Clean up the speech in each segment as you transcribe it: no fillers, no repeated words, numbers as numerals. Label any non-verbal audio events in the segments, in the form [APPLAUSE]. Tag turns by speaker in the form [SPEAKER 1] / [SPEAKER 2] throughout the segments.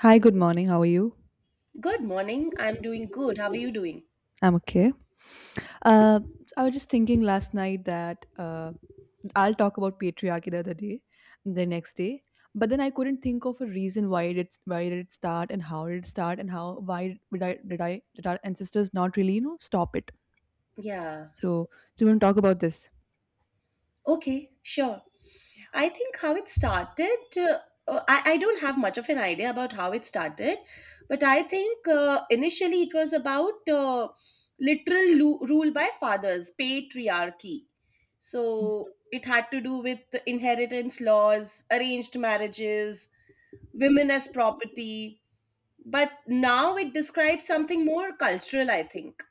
[SPEAKER 1] Hi, good morning. How are you?
[SPEAKER 2] Good morning. I'm doing good. How are you doing?
[SPEAKER 1] I'm okay. Uh, I was just thinking last night that I'll talk about patriarchy the other day, the next day, but then I couldn't think of a reason why it did why did it start and how did it start, and how why did our ancestors not really stop it?
[SPEAKER 2] Yeah.
[SPEAKER 1] So, so we want to talk about this.
[SPEAKER 2] Okay, sure. I think how it started, I don't have much of an idea about how it started, but I think initially it was about rule by fathers, patriarchy. So it had to do with inheritance laws, arranged marriages, women as property. But now it
[SPEAKER 1] Mm.
[SPEAKER 2] describes something more cultural, I think.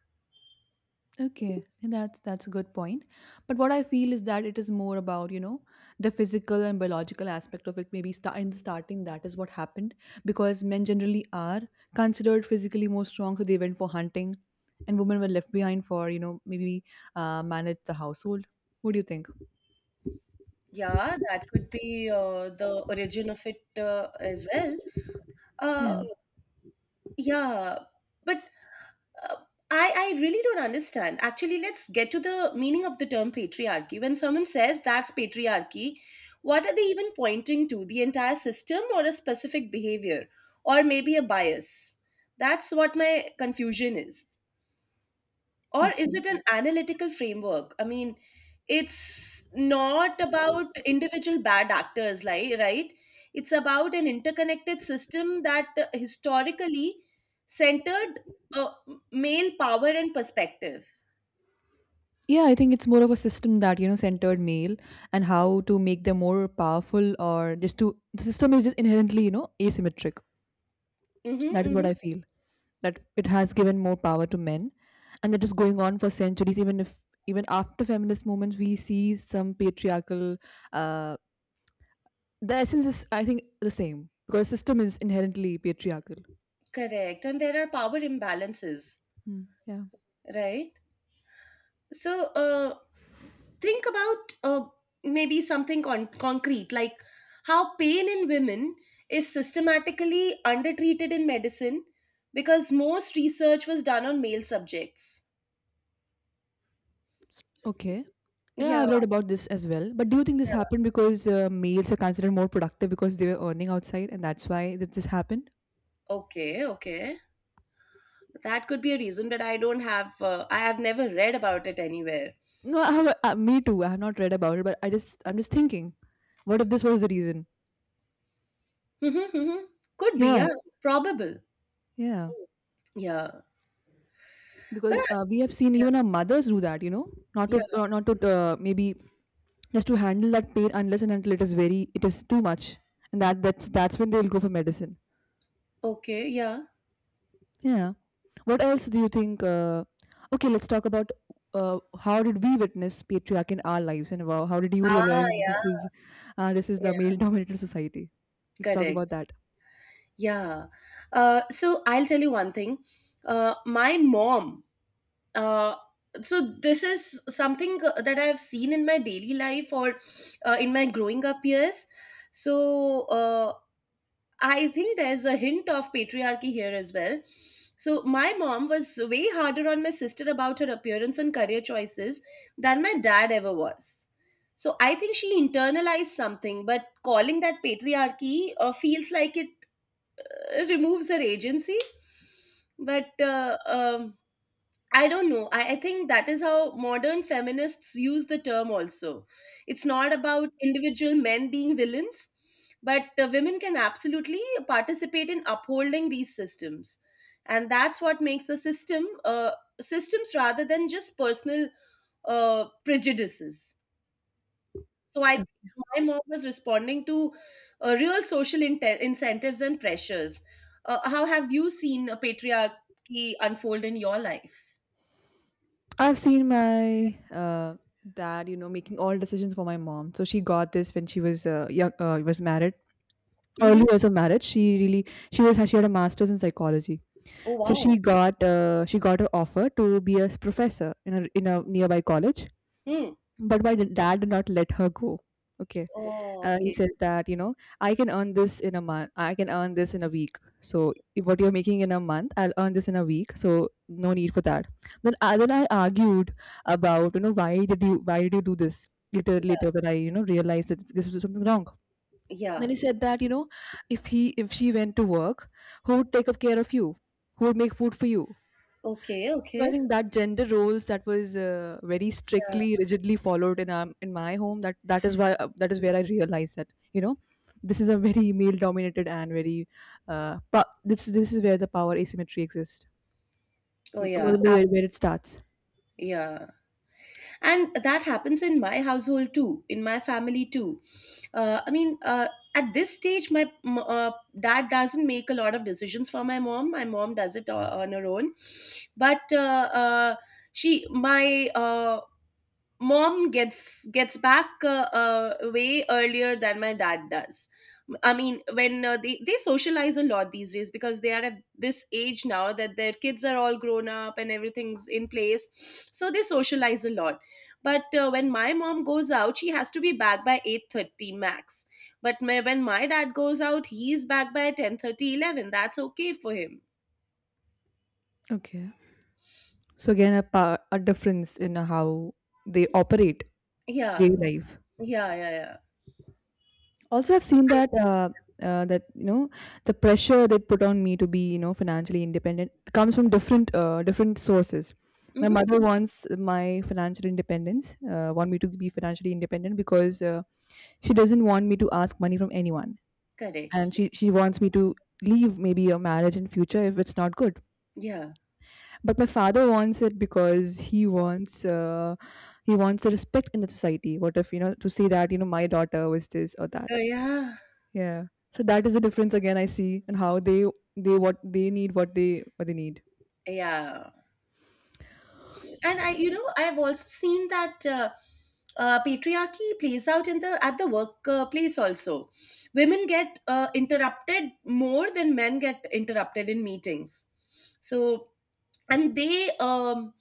[SPEAKER 1] Okay, that's a good point. But what I feel is that it is more about the physical and biological aspect of it. Maybe start in the starting, that is what happened, because men generally are considered physically more strong, so they went for hunting, and women were left behind for, maybe, manage the household. What do you think?
[SPEAKER 2] Yeah, that could be the origin of it as well.
[SPEAKER 1] Yeah.
[SPEAKER 2] Uh, yeah, but uh, I really don't understand. Actually, let's get to the meaning of the term patriarchy. When someone says that's patriarchy, what are they even pointing to? The entire system or a specific behavior or maybe a bias? That's what my confusion is. Or is
[SPEAKER 1] Okay.
[SPEAKER 2] it an analytical framework? I mean, it's not about individual bad actors, like, right, it's about an interconnected system that historically centered uh, male power and perspective.
[SPEAKER 1] Yeah, I think it's more of a system that, centered male and how to make them more powerful, or just to the system is just inherently, asymmetric. That
[SPEAKER 2] Mm-hmm,
[SPEAKER 1] is what
[SPEAKER 2] mm-hmm.
[SPEAKER 1] I feel. That it has given more power to men, and that is going on for centuries. Even if even after feminist movements we see some patriarchal, uh the essence is, I think, the same because system is inherently patriarchal.
[SPEAKER 2] Correct, and there are power imbalances,
[SPEAKER 1] Hmm, yeah.
[SPEAKER 2] right? So think about maybe something concrete, like how pain in women is systematically undertreated in medicine because most research was done on male subjects.
[SPEAKER 1] Okay. Yeah,
[SPEAKER 2] Yeah.
[SPEAKER 1] I've read about this as well, but do you think this happened because males were considered more productive because they were earning outside, and that's why that this happened?
[SPEAKER 2] Okay. That could be a reason, but I don't have I have never read about it anywhere.
[SPEAKER 1] No, I have me too, I have not read about it, but I'm just thinking, what if this was the reason?
[SPEAKER 2] Mm-hmm, mm-hmm. Could be,
[SPEAKER 1] Yeah,
[SPEAKER 2] yeah. Probable.
[SPEAKER 1] yeah.
[SPEAKER 2] Yeah. but
[SPEAKER 1] Because we have seen even our mothers do that. Not
[SPEAKER 2] yeah
[SPEAKER 1] to not to Maybe just to handle that pain unless and until it is too much, and that's when they'll go for medicine.
[SPEAKER 2] okay yeah
[SPEAKER 1] Yeah. What else do you think? Okay, let's talk about, how did we witness patriarchy in our lives, and wow, how did you
[SPEAKER 2] ah
[SPEAKER 1] realize that
[SPEAKER 2] yeah
[SPEAKER 1] this is the
[SPEAKER 2] yeah
[SPEAKER 1] male-dominated [LAUGHS] society? Let's talk about
[SPEAKER 2] correct
[SPEAKER 1] that.
[SPEAKER 2] Yeah. So I'll tell you one thing. My mom, uh, so this is something that I've seen in my daily life or in my growing up years. So I think there's a hint of patriarchy here as well. So my mom was way harder on my sister about her appearance and career choices than my dad ever was. So I think she internalized something, but calling that patriarchy feels like it removes her agency, but I don't know. I think that is how modern feminists use the term also. It's not about individual men being villains, but women can absolutely participate in upholding these systems, and that's what makes the systems rather than just personal prejudices. So I think my mom was responding to real social incentives and pressures. How have you seen patriarchy unfold in your life?
[SPEAKER 1] I've seen my dad, making all decisions for my mom. So she got this when she was young, was married. Early
[SPEAKER 2] Mm-hmm.
[SPEAKER 1] years of marriage, she really she was she had a master's in psychology.
[SPEAKER 2] Oh
[SPEAKER 1] So
[SPEAKER 2] wow.
[SPEAKER 1] she got an offer to be a professor in a nearby college.
[SPEAKER 2] Hmm.
[SPEAKER 1] But my dad did not let her go. Okay.
[SPEAKER 2] Oh
[SPEAKER 1] He
[SPEAKER 2] okay.
[SPEAKER 1] says that, I can earn this in a month. I can earn this in a week. So if what you're making in a month, I'll earn this in a week. So no need for that. Then I argued about, why did you do this? Later, when I, realized that this was something wrong. Then
[SPEAKER 2] Yeah.
[SPEAKER 1] he said that, if she went to work, who would take up care of you? Who would make food for you?
[SPEAKER 2] Okay.
[SPEAKER 1] So I
[SPEAKER 2] Okay.
[SPEAKER 1] think that gender roles, that was very
[SPEAKER 2] Yeah.
[SPEAKER 1] strictly, rigidly followed in my home. That is where I realized that you know this is a very male dominated and very pa- this is where the power asymmetry exists.
[SPEAKER 2] Oh yeah.
[SPEAKER 1] Maybe
[SPEAKER 2] Ab-
[SPEAKER 1] where it starts.
[SPEAKER 2] yeah. And that happens in my household too, in my family too. uh, i mean uh, at this stage, my dad doesn't make a lot of decisions for my mom. My mom does it on her own. But she, my mom gets back way earlier than my dad does. I mean, when they socialize a lot these days because they are at this age now that their kids are all grown up and everything's in place, so they socialize a lot. But when my mom goes out, she has to be back by 8:30 max, when my dad goes out, he's back by 10:30, 11. That's okay for him.
[SPEAKER 1] Okay. So again, a power, a difference in how they operate
[SPEAKER 2] Yeah
[SPEAKER 1] daily life.
[SPEAKER 2] yeah yeah yeah
[SPEAKER 1] Also, I've seen that that the pressure they put on me to be, financially independent, comes from different sources. My mother
[SPEAKER 2] hmm
[SPEAKER 1] wants my financial independence, want me to be financially independent because, she doesn't want me to ask money from anyone, and
[SPEAKER 2] correct
[SPEAKER 1] she wants me to leave maybe a marriage in future if it's not good.
[SPEAKER 2] yeah
[SPEAKER 1] But my father wants it because he wants the respect in the society. What if, to say that, my daughter was this or
[SPEAKER 2] oh
[SPEAKER 1] that.
[SPEAKER 2] yeah
[SPEAKER 1] Yeah. So that is the difference again I see, and how they what they need what they need.
[SPEAKER 2] yeah And I, you know, I've also seen that patriarchy plays out in the, at the workplace also. Women get interrupted more than men get interrupted in meetings. So, and they, um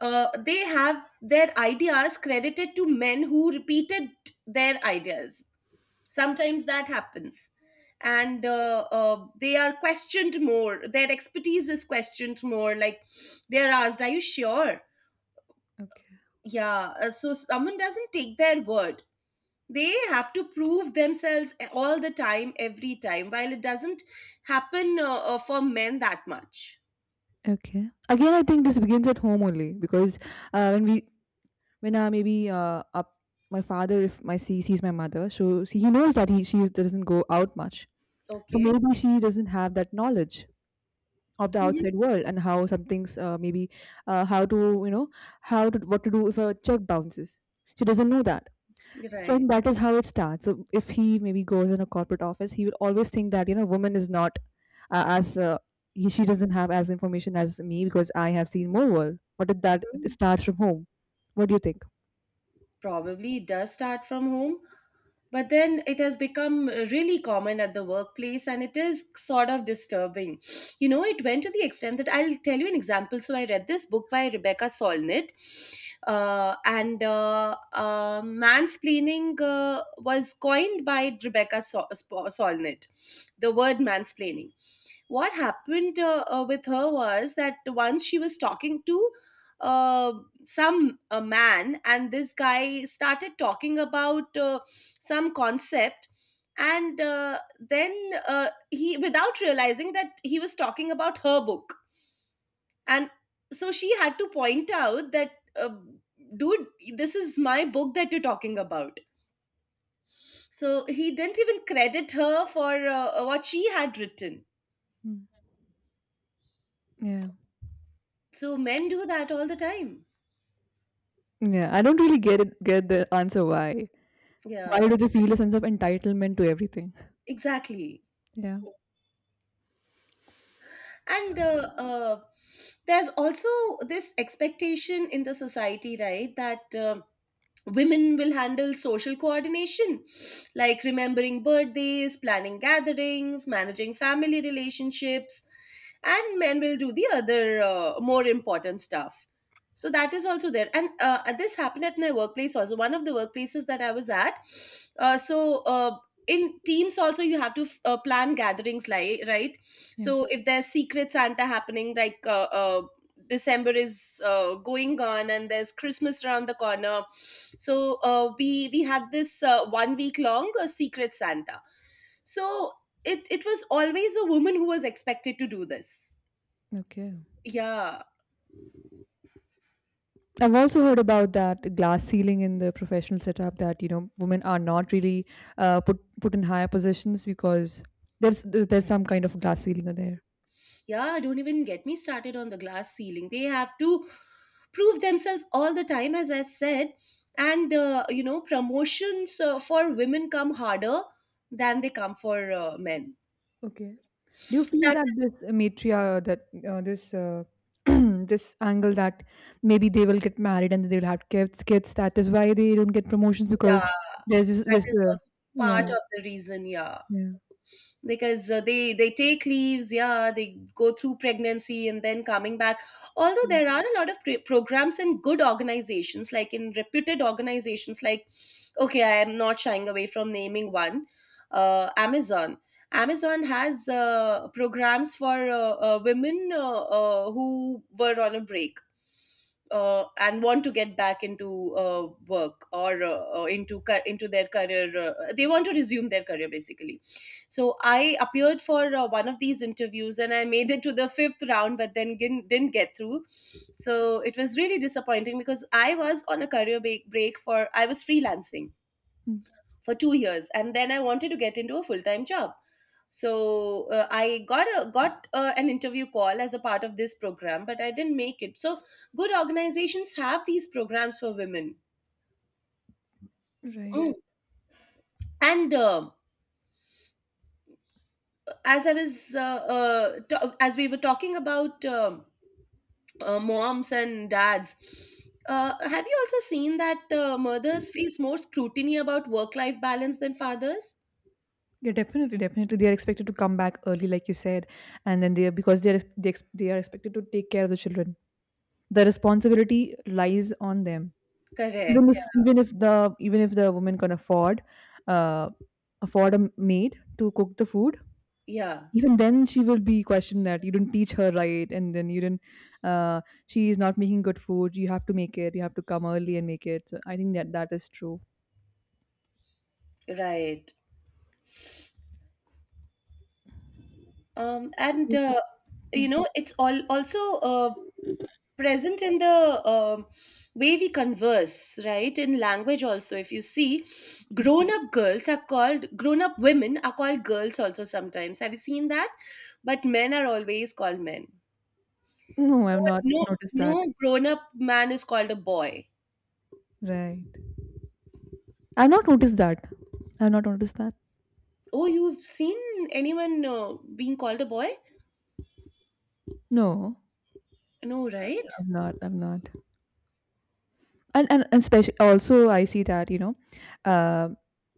[SPEAKER 2] uh, they have their ideas credited to men who repeated their ideas. Sometimes that happens. And they are questioned more, their expertise is questioned more, like they are asked, are you sure?
[SPEAKER 1] Okay.
[SPEAKER 2] Yeah, so someone doesn't take their word. They have to prove themselves all the time, every time, while it doesn't happen for men that much.
[SPEAKER 1] Okay. Again, I think this begins at home only because, when we when maybe up my father, if my see sees my mother, so see, he knows that doesn't go out much. So
[SPEAKER 2] Okay.
[SPEAKER 1] maybe she doesn't have that knowledge of the
[SPEAKER 2] Mhm.
[SPEAKER 1] outside world, and how something's, maybe how to you know how to what to do if a check bounces, she doesn't know that. So
[SPEAKER 2] Right.
[SPEAKER 1] that is how it starts. So if he maybe goes in a corporate office, he will always think that, woman is not, as, she doesn't have as information as me because I have seen more world. What if that it starts from home? What do you think?
[SPEAKER 2] Probably it does start from home, but then it has become really common at the workplace and it is sort of disturbing. You know, it went to the extent that I'll tell you an example. So I read this book by Rebecca Solnit, and mansplaining was coined by Rebecca Solnit, the word mansplaining. What happened with her was that once she was talking to uh, some a man, and this guy started talking about some concept, and then he, without realizing that, he was talking about her book. And so she had to point out that, uh, dude, this is my book that you're talking about. So he didn't even credit her for what she had written.
[SPEAKER 1] Mm. Yeah,
[SPEAKER 2] So men do that all the time.
[SPEAKER 1] yeah, I don't really get the answer, why
[SPEAKER 2] Yeah,
[SPEAKER 1] do they feel a sense of entitlement to everything?
[SPEAKER 2] exactly.
[SPEAKER 1] Yeah.
[SPEAKER 2] And uh, there's also this expectation in the society, right, that women will handle social coordination, like remembering birthdays, planning gatherings, managing family relationships, and men will do the other more important stuff. So that is also there. And this happened at my workplace also, one of the workplaces that I was at. uh, so uh, in teams also, you have to plan gatherings, like, right?
[SPEAKER 1] Yeah.
[SPEAKER 2] So if there's Secret Santa happening, like, December is going on and there's Christmas around the corner. So we had this one week long Secret Santa. So it was always a woman who was expected to do this.
[SPEAKER 1] Okay.
[SPEAKER 2] Yeah,
[SPEAKER 1] I've also heard about that glass ceiling in the professional setup, that women are not really, put in higher positions because there's some kind of glass ceiling there.
[SPEAKER 2] yeah. Don't even get me started on the glass ceiling. They have to prove themselves all the time, as I said. And you know, promotions for women come harder than they come for men.
[SPEAKER 1] Okay. Do you feel that this matria that this [CLEARS THROAT] this angle, that maybe they will get married and they'll have kids, that is why they don't get promotions, because
[SPEAKER 2] Yeah,
[SPEAKER 1] there's this,
[SPEAKER 2] that
[SPEAKER 1] this
[SPEAKER 2] is
[SPEAKER 1] uh,
[SPEAKER 2] also
[SPEAKER 1] yeah,
[SPEAKER 2] part of the reason, yeah.
[SPEAKER 1] yeah.
[SPEAKER 2] Because they take leaves, yeah, they go through pregnancy and then coming back. Although
[SPEAKER 1] Mhm.
[SPEAKER 2] there are a lot of programs in good organizations, like in reputed organizations, like, okay, I am not shying away from naming one, Amazon. Amazon has programs for women who were on a break, and want to get back into work or into ca- into their career. Uh, they want to resume their career basically. So I appeared for one of these interviews and I made it to the fifth round, but then didn't get through. So it was really disappointing because I was on a career break for, I was freelancing for 2 years and then I wanted to get into a full-time job. So I got a got an interview call as a part of this program, but I didn't make it. So good organizations have these programs for women.
[SPEAKER 1] Right.
[SPEAKER 2] Mm. And as I was ta- as we were talking about, moms and dads, have you also seen that mothers face more scrutiny about work life balance than fathers?
[SPEAKER 1] Yeah, definitely, definitely. They are expected to come back early, like you said, and then, they are expected to take care of the children. The responsibility lies on them. Even
[SPEAKER 2] Correct,
[SPEAKER 1] if
[SPEAKER 2] yeah.
[SPEAKER 1] even if the even if the woman can afford, uh, afford a maid to cook the food,
[SPEAKER 2] Yeah.
[SPEAKER 1] even then she will be questioned that you didn't teach her right, and then you didn't. Uh, she is not making good food. You have to make it. You have to come early and make it. So I think that that is true.
[SPEAKER 2] Right. And
[SPEAKER 1] Would-
[SPEAKER 2] You
[SPEAKER 1] Yeah.
[SPEAKER 2] know, it's all also present in the, way we converse, right? In language also, if you see,
[SPEAKER 1] Okay.
[SPEAKER 2] grown up girls are called, grown up women are called girls also sometimes, have you seen that? But men are always called men.
[SPEAKER 1] No, I've not
[SPEAKER 2] No,
[SPEAKER 1] noticed that.
[SPEAKER 2] No grown up man is called a boy.
[SPEAKER 1] Right. I've not noticed that. I've not noticed that.
[SPEAKER 2] Oh, you've seen anyone being called a boy?
[SPEAKER 1] No.
[SPEAKER 2] No, right?
[SPEAKER 1] I've not. I've not. And especially, also, I see that, uh,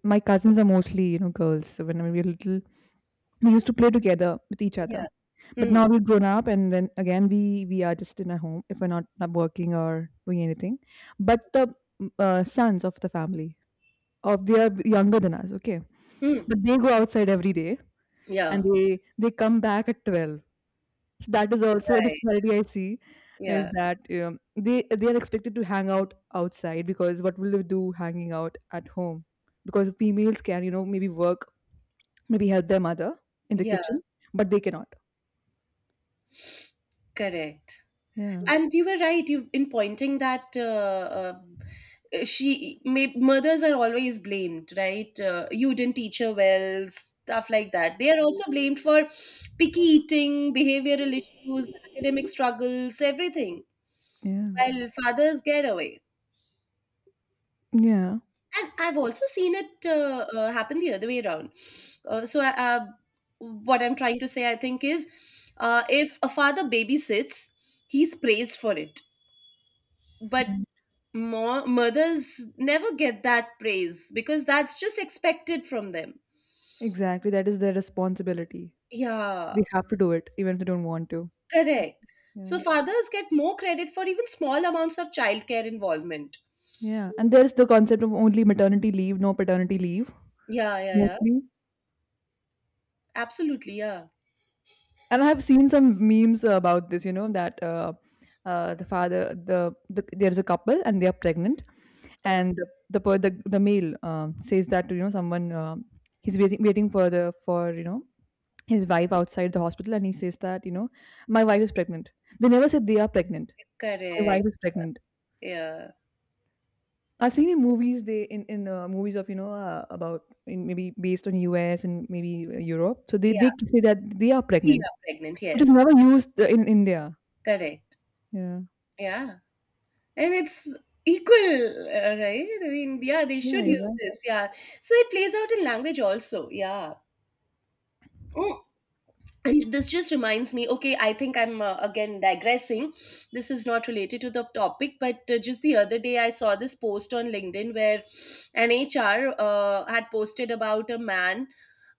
[SPEAKER 1] my cousins are mostly, girls. So when we were little, we used to play together with each
[SPEAKER 2] Yeah.
[SPEAKER 1] other. But
[SPEAKER 2] Hmm.
[SPEAKER 1] now we've grown up, and then again we are just in our home if we're not working or doing anything. But the sons of the family, or they are younger than us, okay.
[SPEAKER 2] Hmm.
[SPEAKER 1] But they go outside every day,
[SPEAKER 2] Yeah.
[SPEAKER 1] and they come back at 12. So that is also a
[SPEAKER 2] Right.
[SPEAKER 1] disparity I see, is
[SPEAKER 2] Yeah,
[SPEAKER 1] that they are expected to hang out outside, because what will they do hanging out at home? Because females can, maybe work, maybe help their mother in the
[SPEAKER 2] yeah,
[SPEAKER 1] kitchen, but they cannot.
[SPEAKER 2] correct.
[SPEAKER 1] Yeah,
[SPEAKER 2] And you were right, you, in pointing that mothers are always blamed, right? Uh, you didn't teach her well, stuff like that, they are also blamed for picky eating, behavioral issues, academic struggles, everything,
[SPEAKER 1] yeah,
[SPEAKER 2] while fathers get away.
[SPEAKER 1] yeah.
[SPEAKER 2] And I've also seen it happen the other way around. uh, so I- uh, what I'm trying to say, I think, is, if a father babysits, he's praised for it. But
[SPEAKER 1] Right.
[SPEAKER 2] more mothers never get that praise because that's just expected from them.
[SPEAKER 1] Exactly, that is their responsibility.
[SPEAKER 2] Yeah,
[SPEAKER 1] They have to do it even if they don't want to.
[SPEAKER 2] correct.
[SPEAKER 1] Yeah,
[SPEAKER 2] So fathers get more credit for even small amounts of childcare involvement.
[SPEAKER 1] yeah. And there is the concept of only maternity leave, no paternity leave
[SPEAKER 2] Yeah, yeah, yeah.
[SPEAKER 1] mostly.
[SPEAKER 2] Absolutely, yeah.
[SPEAKER 1] And I have seen some memes about this, that, uh, the father the, there's a couple and they are pregnant,
[SPEAKER 2] Uh,
[SPEAKER 1] and the male says that to, someone, he's waiting for the for, his wife outside the hospital, and he says that, my wife is pregnant. They never said they are pregnant. My
[SPEAKER 2] correct.
[SPEAKER 1] wife is pregnant.
[SPEAKER 2] Yeah.
[SPEAKER 1] I've seen in movies, they in movies of, about, in, maybe, based on US, and maybe Europe, so they,
[SPEAKER 2] Yeah.
[SPEAKER 1] they say that they are
[SPEAKER 2] We
[SPEAKER 1] pregnant.
[SPEAKER 2] are pregnant,
[SPEAKER 1] It is never
[SPEAKER 2] yes.
[SPEAKER 1] used, in India.
[SPEAKER 2] Correct.
[SPEAKER 1] Yeah.
[SPEAKER 2] Yeah. And it's equal, right? I mean, yeah, they
[SPEAKER 1] Yeah,
[SPEAKER 2] should use
[SPEAKER 1] exactly.
[SPEAKER 2] this. Yeah. So it plays out in language also. Yeah. Mm. And this just reminds me, okay, I think I'm again digressing. This is not related to the topic, but just the other day I saw this post on LinkedIn where an HR had posted about a man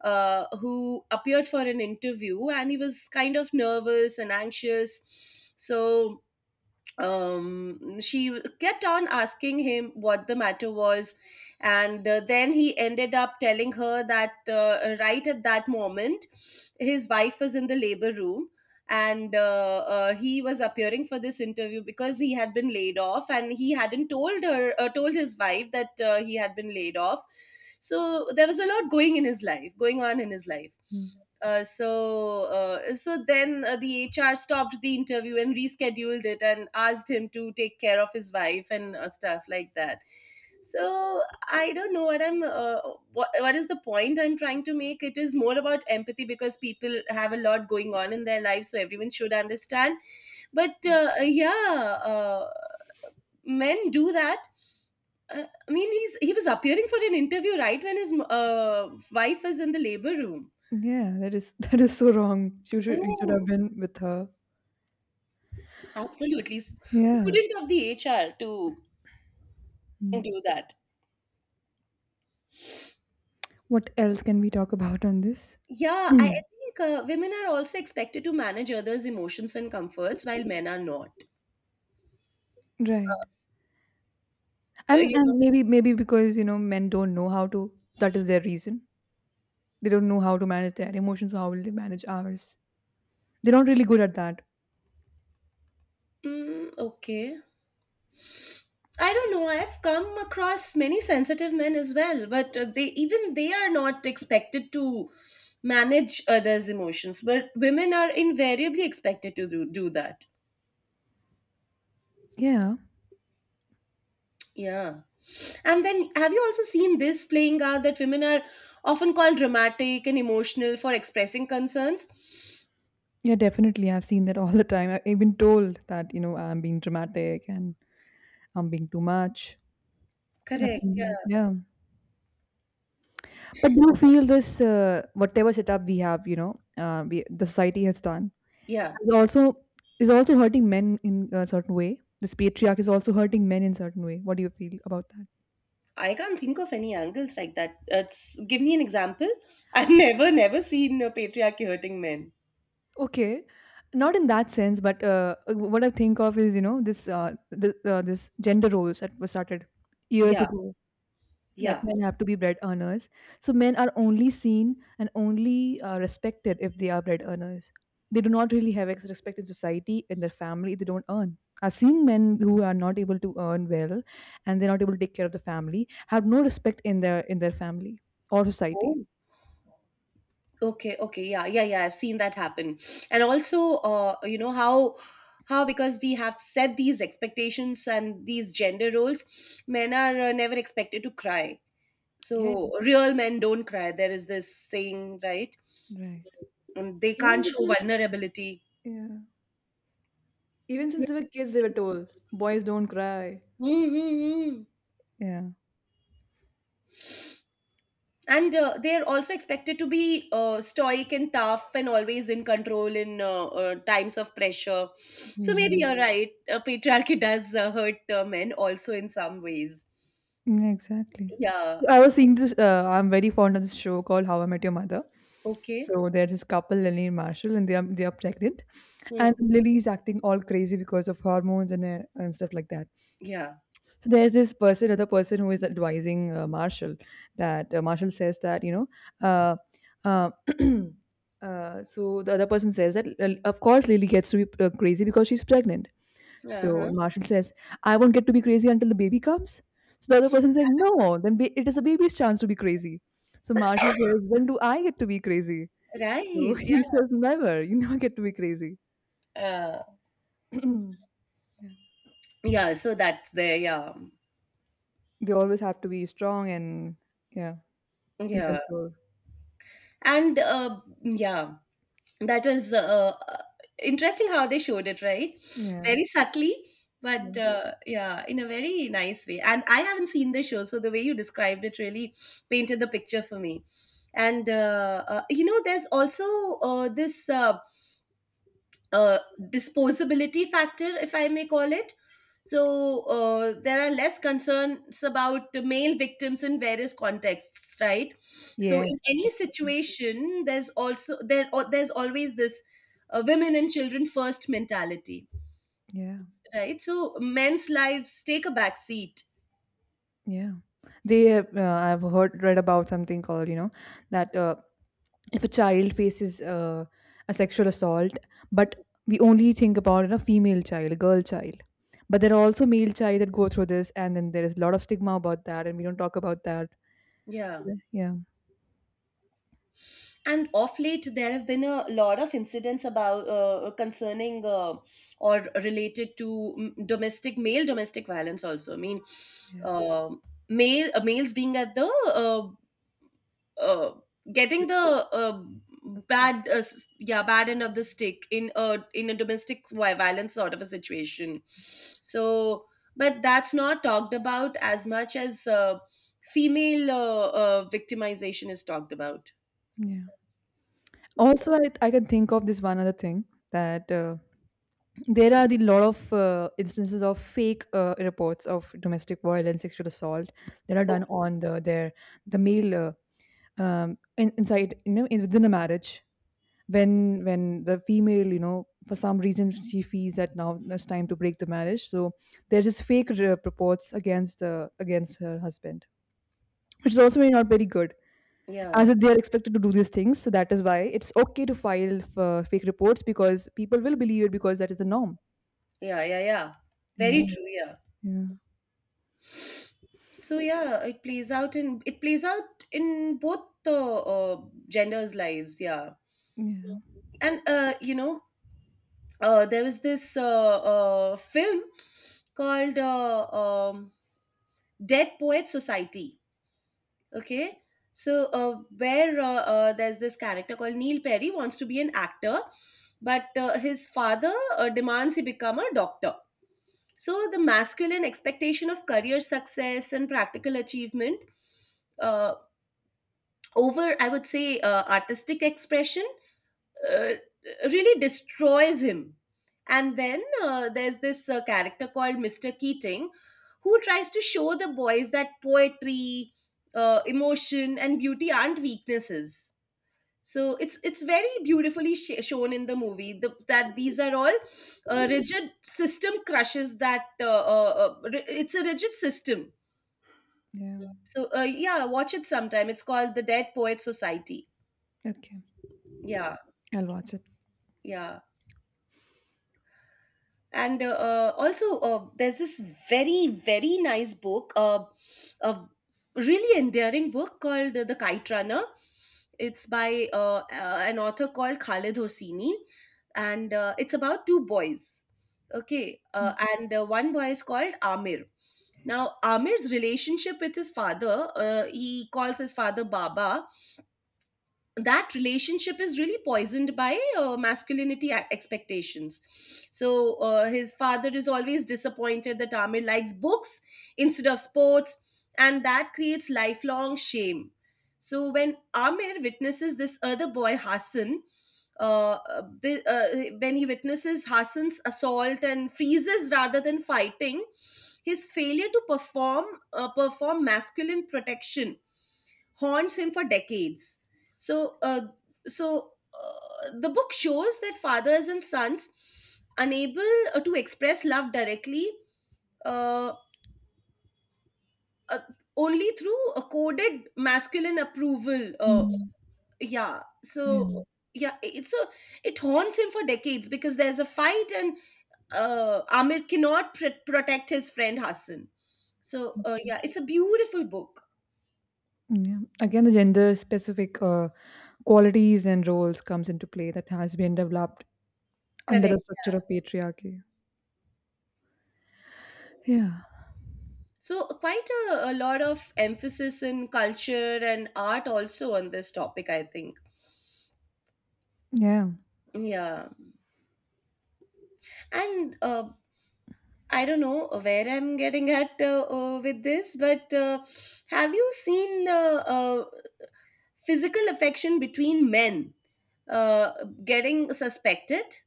[SPEAKER 2] who appeared for an interview and he was kind of nervous and anxious. So she kept on asking him what the matter was, and then he ended up telling her that right at that moment his wife was in the labor room. And he was appearing for this interview because he had been laid off and he hadn't told her, told his wife that he had been laid off. So there was a lot going on in his life.
[SPEAKER 1] Mm.
[SPEAKER 2] So then the HR stopped the interview and rescheduled it and asked him to take care of his wife and stuff like that. So I don't know what I'm what is the point I'm trying to make. It is more about empathy because people have a lot going on in their lives, so everyone should understand. But yeah, men do that. I mean, he was appearing for an interview right when his wife was in the labor room.
[SPEAKER 1] Yeah, that is [LAUGHS] that is so wrong. You should have been with her.
[SPEAKER 2] Absolutely.
[SPEAKER 1] Yeah.
[SPEAKER 2] Prudent of the HR to
[SPEAKER 1] Mm.
[SPEAKER 2] do that.
[SPEAKER 1] What else can we talk about on this?
[SPEAKER 2] Yeah, I
[SPEAKER 1] Mm.
[SPEAKER 2] think women are also expected to manage others' emotions and comforts while men are not.
[SPEAKER 1] Right.
[SPEAKER 2] Uh, uh,
[SPEAKER 1] And
[SPEAKER 2] you
[SPEAKER 1] and maybe because, men don't know how to. That is their reason. They don't know how to manage their emotions. How will they manage ours? They're not really good at that.
[SPEAKER 2] okay, I don't know. I've come across many sensitive men as well, but they, even they are not expected to manage others' emotions. But women are invariably expected to do that.
[SPEAKER 1] Yeah.
[SPEAKER 2] Yeah. And then, have you also seen this playing out that women are often called dramatic and emotional for expressing concerns?
[SPEAKER 1] Yeah, definitely. I've seen that all the time. I've been told that, I'm being dramatic, and I'm being too much. I've
[SPEAKER 2] Correct.
[SPEAKER 1] seen that.
[SPEAKER 2] Yeah.
[SPEAKER 1] Yeah. But do you feel this, whatever setup we have, the society has done,
[SPEAKER 2] Yeah.
[SPEAKER 1] is also hurting men in a certain way. This patriarch is also hurting men in certain way. What do you feel about that?
[SPEAKER 2] I can't think of any angles like that. It's, give me an example. [LAUGHS] I've never seen a patriarchy hurting men.
[SPEAKER 1] Okay, not in that sense, but what I think of is, this gender roles that were started years
[SPEAKER 2] Yeah.
[SPEAKER 1] ago, that
[SPEAKER 2] Yeah.
[SPEAKER 1] men have to be bread earners. So men are only seen and only respected if they are bread earners. They do not really have respect in society, in their family, they don't earn. I've seen men who are not able to earn well and they're not able to take care of the family, have no respect in their family or society.
[SPEAKER 2] Oh. Okay. Okay. Yeah. Yeah. Yeah. I've seen that happen. And also, you know, how. How, because we have set these expectations and these gender roles, men are never expected to cry.
[SPEAKER 1] Yes,
[SPEAKER 2] So real men don't cry, there is this saying, right?
[SPEAKER 1] right.
[SPEAKER 2] And they can't
[SPEAKER 1] Even
[SPEAKER 2] show vulnerability.
[SPEAKER 1] yeah. Even since they were kids they were told boys don't cry.
[SPEAKER 2] Mm-hmm. And they're also expected to be stoic and tough and always in control in times of pressure. So
[SPEAKER 1] Yeah.
[SPEAKER 2] maybe you're Mm. right. Patriarchy does hurt men also in some ways.
[SPEAKER 1] Mm, exactly.
[SPEAKER 2] Yeah.
[SPEAKER 1] So I was seeing this. I'm very fond of this show called How I Met Your Mother.
[SPEAKER 2] Okay.
[SPEAKER 1] So there's this couple, Lily and Marshall, and they are pregnant,
[SPEAKER 2] Hmm.
[SPEAKER 1] and Lily is acting all crazy because of hormones and and stuff like that.
[SPEAKER 2] Yeah.
[SPEAKER 1] So there's this person, other person who is advising Marshall that Marshall says that Uh, uh, [CLEARS THROAT] so the other person says that of course Lily gets to be crazy because she's pregnant, so
[SPEAKER 2] Uh-huh.
[SPEAKER 1] Marshall says, I won't get to be crazy until the baby comes. So the other person said, No, it is the baby's chance to be crazy. So Marshall says, When do I get to be crazy? So
[SPEAKER 2] Right.
[SPEAKER 1] [LAUGHS]
[SPEAKER 2] Yeah.
[SPEAKER 1] he says, Never, you never get to be crazy.
[SPEAKER 2] Uh,
[SPEAKER 1] [CLEARS THROAT] yeah.
[SPEAKER 2] yeah. So that's there. Yeah.
[SPEAKER 1] They always have to be strong and yeah, in
[SPEAKER 2] Yeah.
[SPEAKER 1] control.
[SPEAKER 2] And yeah, that was interesting how they showed it, right?
[SPEAKER 1] Yeah.
[SPEAKER 2] Very subtly, but
[SPEAKER 1] Yeah.
[SPEAKER 2] yeah, in a very nice way. And I haven't seen the show, so the way you described it really painted the picture for me. And you know, there's also this uh, disposability factor, if I may call it. So there are less concerns about the male victims in various contexts, right? So in
[SPEAKER 1] Yes,
[SPEAKER 2] any
[SPEAKER 1] definitely.
[SPEAKER 2] situation, there's also there or there's always this women and children first mentality,
[SPEAKER 1] Yeah.
[SPEAKER 2] right? So men's lives take a back seat.
[SPEAKER 1] Yeah. They have, I've heard, read about something called, you know, that if a child faces a sexual assault, but we only think about a female child, a girl child, but there are also male child that go through this, and then there is a lot of stigma about that and we don't talk about that.
[SPEAKER 2] Yeah.
[SPEAKER 1] Yeah.
[SPEAKER 2] And of late there have been a lot of incidents about concerning or related to domestic male domestic violence also. I mean,
[SPEAKER 1] Yeah.
[SPEAKER 2] uh, male, males being at the uh, uh, getting the
[SPEAKER 1] Okay.
[SPEAKER 2] yeah, bad end of the stick in a violence sort of a situation.
[SPEAKER 1] Okay.
[SPEAKER 2] So but that's not talked about as much as female victimization is talked about.
[SPEAKER 1] Yeah. Also, I can think of this one other thing, that there are the lot of instances of fake reports of domestic violence, sexual assault that are
[SPEAKER 2] Oh.
[SPEAKER 1] done on the male, inside you know, within a marriage, when the female you know, for some reason she feels that now it's time to break the marriage. So there's this fake purports against the against her husband, which is also not very good,
[SPEAKER 2] Yeah.
[SPEAKER 1] as if they are expected to do these things. So that is why it's okay to file fake reports, because people will believe it, because that is the norm.
[SPEAKER 2] Yeah, yeah, yeah. Very
[SPEAKER 1] Yeah,
[SPEAKER 2] true, yeah.
[SPEAKER 1] yeah,
[SPEAKER 2] So yeah, it plays out in both the genders' lives, yeah.
[SPEAKER 1] yeah.
[SPEAKER 2] And you know, there was this film called Dead Poet Society. Okay, so where there's this character called Neil Perry, wants to be an actor, but his father demands he become a doctor. So the masculine expectation of career success and practical achievement uh, over, I would say, artistic expression uh, really destroys him. And then there's this character called Mr. Keating, who tries to show the boys that poetry, emotion, and beauty aren't weaknesses. So it's very beautifully shown in the movie, that these are all rigid system crushes that ri- it's a rigid system.
[SPEAKER 1] Yeah.
[SPEAKER 2] So yeah, watch it sometime, it's called The Dead Poet Society.
[SPEAKER 1] Okay,
[SPEAKER 2] Yeah.
[SPEAKER 1] I'll watch it.
[SPEAKER 2] Yeah. And also there's this very very nice book, a really endearing book called The Kite Runner. It's by an author called Khalid Hosseini. And it's about two boys. Okay.
[SPEAKER 1] Mm.
[SPEAKER 2] And one boy is called Amir. Now Amir's relationship with his father, he calls his father Baba, that relationship is really poisoned by masculinity expectations. So his father is always disappointed that Amir likes books instead of sports, and that creates lifelong shame. So when Amir witnesses this other boy Hassan, when he witnesses Hassan's assault and freezes rather than fighting, his failure to perform, perform masculine protection, haunts him for decades. So so the book shows that fathers and sons unable to express love directly, uh, uh, only through a coded masculine approval.
[SPEAKER 1] Mm.
[SPEAKER 2] Yeah.
[SPEAKER 1] Yeah.
[SPEAKER 2] So yeah, it's a, it haunts him for decades because there's a fight and Amir cannot protect his friend Hassan. So
[SPEAKER 1] Okay.
[SPEAKER 2] yeah, it's a beautiful book.
[SPEAKER 1] Yeah, again the gender specific qualities and roles comes into play that has been developed under the
[SPEAKER 2] Correct.
[SPEAKER 1] structure of patriarchy. Yeah.
[SPEAKER 2] So, quite a lot of emphasis in culture and art also on this topic, I think.
[SPEAKER 1] Yeah.
[SPEAKER 2] Yeah. And I don't know where I'm getting at with this, but have you seen physical affection between men uh, getting suspected?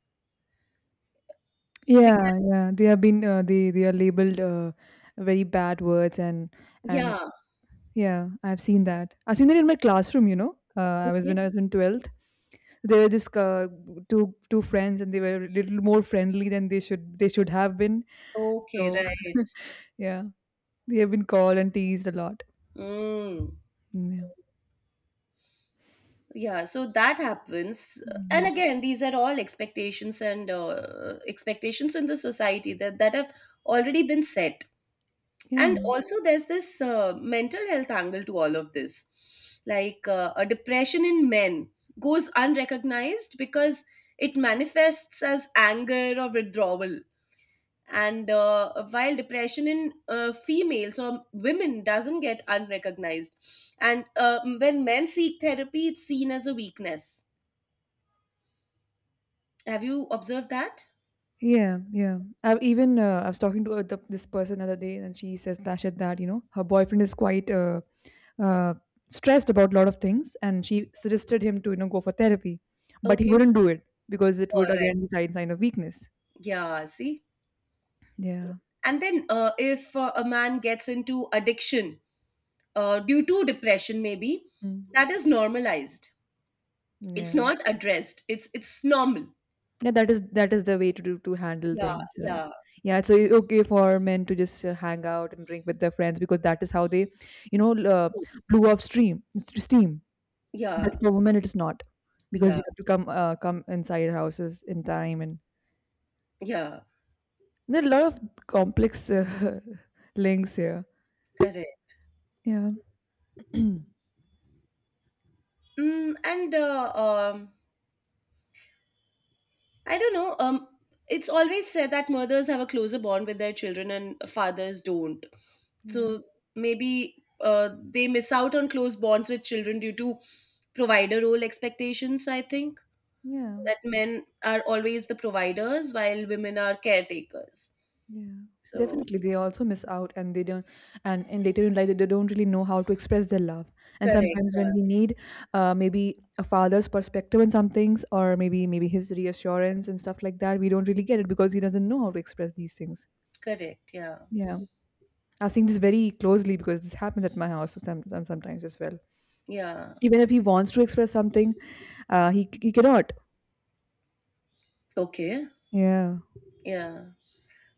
[SPEAKER 2] Because,
[SPEAKER 1] Yeah, yeah. They have been they are labeled very bad words, and
[SPEAKER 2] yeah.
[SPEAKER 1] yeah, I've seen that. I've seen that in my classroom, you know. I was
[SPEAKER 2] Okay.
[SPEAKER 1] when I was in 12th. There were this two friends, and they were a little more friendly than they should have been.
[SPEAKER 2] Okay,
[SPEAKER 1] So
[SPEAKER 2] right.
[SPEAKER 1] [LAUGHS] yeah, they have been called and teased a lot.
[SPEAKER 2] Mm.
[SPEAKER 1] Mm, yeah.
[SPEAKER 2] Yeah, so that happens.
[SPEAKER 1] Mm,
[SPEAKER 2] And
[SPEAKER 1] yeah.
[SPEAKER 2] again, these are all expectations and expectations in the society that, have already been set. And
[SPEAKER 1] Yeah.
[SPEAKER 2] also, there's this mental health angle to all of this. Like a depression in men goes unrecognized because it manifests as anger or withdrawal. And while depression in females or women doesn't get unrecognized. And when men seek therapy, it's seen as a weakness. Have you observed that?
[SPEAKER 1] Yeah, yeah. I've even I was talking to this person other day, and she says that said that you know, her boyfriend is quite uh, stressed about a lot of things, and she suggested him to you know go for therapy, but he
[SPEAKER 2] Okay.
[SPEAKER 1] wouldn't do it because it
[SPEAKER 2] All
[SPEAKER 1] would
[SPEAKER 2] right.
[SPEAKER 1] again be sign of weakness.
[SPEAKER 2] Yeah, see.
[SPEAKER 1] Yeah,
[SPEAKER 2] And then if a man gets into addiction due to depression, maybe
[SPEAKER 1] mm.
[SPEAKER 2] that is normalized. It's
[SPEAKER 1] Yeah,
[SPEAKER 2] not addressed. It's normal.
[SPEAKER 1] yeah. That is the way to do to handle
[SPEAKER 2] Yeah,
[SPEAKER 1] things, right?
[SPEAKER 2] yeah,
[SPEAKER 1] Yeah, so it's okay for men to just hang out and drink with their friends, because that is how they, you know, l- uh, blew off steam. But
[SPEAKER 2] yeah,
[SPEAKER 1] for women, it is not, because
[SPEAKER 2] yeah,
[SPEAKER 1] we have to come inside houses in time, and
[SPEAKER 2] yeah.
[SPEAKER 1] there are a lot of complex [LAUGHS] links here.
[SPEAKER 2] Correct.
[SPEAKER 1] Yeah,
[SPEAKER 2] Mm, and I don't know. It's always said that mothers have a closer bond with their children and fathers don't.
[SPEAKER 1] yeah,
[SPEAKER 2] So maybe they miss out on close bonds with children due to provider role expectations, I think.
[SPEAKER 1] yeah,
[SPEAKER 2] That men are always the providers while women are caretakers.
[SPEAKER 1] yeah.
[SPEAKER 2] So,
[SPEAKER 1] Definitely, they also miss out, and they don't. And in later in life, they don't really know how to express their love. And
[SPEAKER 2] correct.
[SPEAKER 1] sometimes, when we
[SPEAKER 2] Yeah.
[SPEAKER 1] need maybe a father's perspective on some things, or maybe maybe his reassurance and stuff like that, we don't really get it because he doesn't know how to express these things.
[SPEAKER 2] Correct. Yeah.
[SPEAKER 1] Yeah, I've seen this very closely because this happens at my house sometimes as well.
[SPEAKER 2] Yeah.
[SPEAKER 1] Even if he wants to express something, he cannot.
[SPEAKER 2] Okay.
[SPEAKER 1] Yeah.
[SPEAKER 2] Yeah.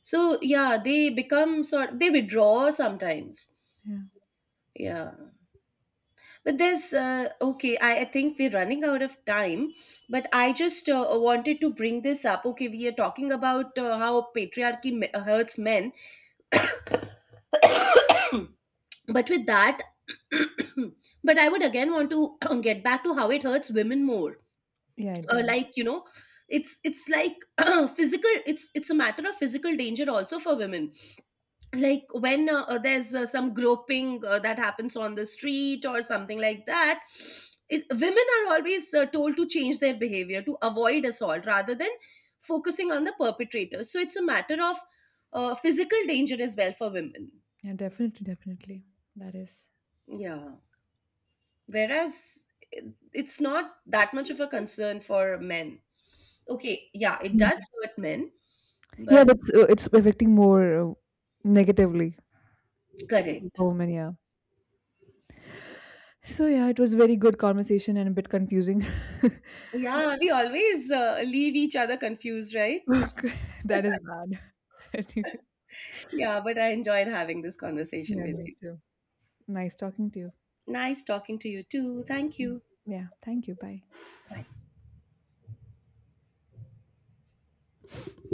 [SPEAKER 2] So, yeah, they become sort they withdraw sometimes.
[SPEAKER 1] Yeah.
[SPEAKER 2] Yeah. But there's okay. I think we're running out of time, but I just wanted to bring this up. Okay, we are talking about how patriarchy hurts men, [COUGHS] but with that, [COUGHS] but I would again want to [COUGHS] [CLEARS THROAT] get back to how it hurts women more.
[SPEAKER 1] Yeah, it does.
[SPEAKER 2] Like you know, it's like [COUGHS] [CLEARS THROAT] physical. It's a matter of physical danger also for women, like when there's some groping that happens on the street or something like that. Women are always told to change their behavior to avoid assault rather than focusing on the perpetrator. So it's a matter of physical danger as well for women.
[SPEAKER 1] Yeah, definitely, definitely. That is.
[SPEAKER 2] Yeah, whereas it's not that much of a concern for men. Okay, yeah, it
[SPEAKER 1] Yeah,
[SPEAKER 2] does hurt men,
[SPEAKER 1] yeah,
[SPEAKER 2] but
[SPEAKER 1] but it's affecting more negatively the
[SPEAKER 2] correct.
[SPEAKER 1] women, yeah. So yeah, it was very good conversation and a bit confusing. [LAUGHS]
[SPEAKER 2] Yeah, we always leave each other confused, right?
[SPEAKER 1] Okay, that is bad.
[SPEAKER 2] Yeah, but I enjoyed having this
[SPEAKER 1] [LAUGHS]
[SPEAKER 2] conversation
[SPEAKER 1] Yeah,
[SPEAKER 2] with
[SPEAKER 1] me
[SPEAKER 2] you.
[SPEAKER 1] too. Nice talking to you.
[SPEAKER 2] Nice talking to you too. Thank you.
[SPEAKER 1] Yeah, thank you. Bye.
[SPEAKER 2] Bye.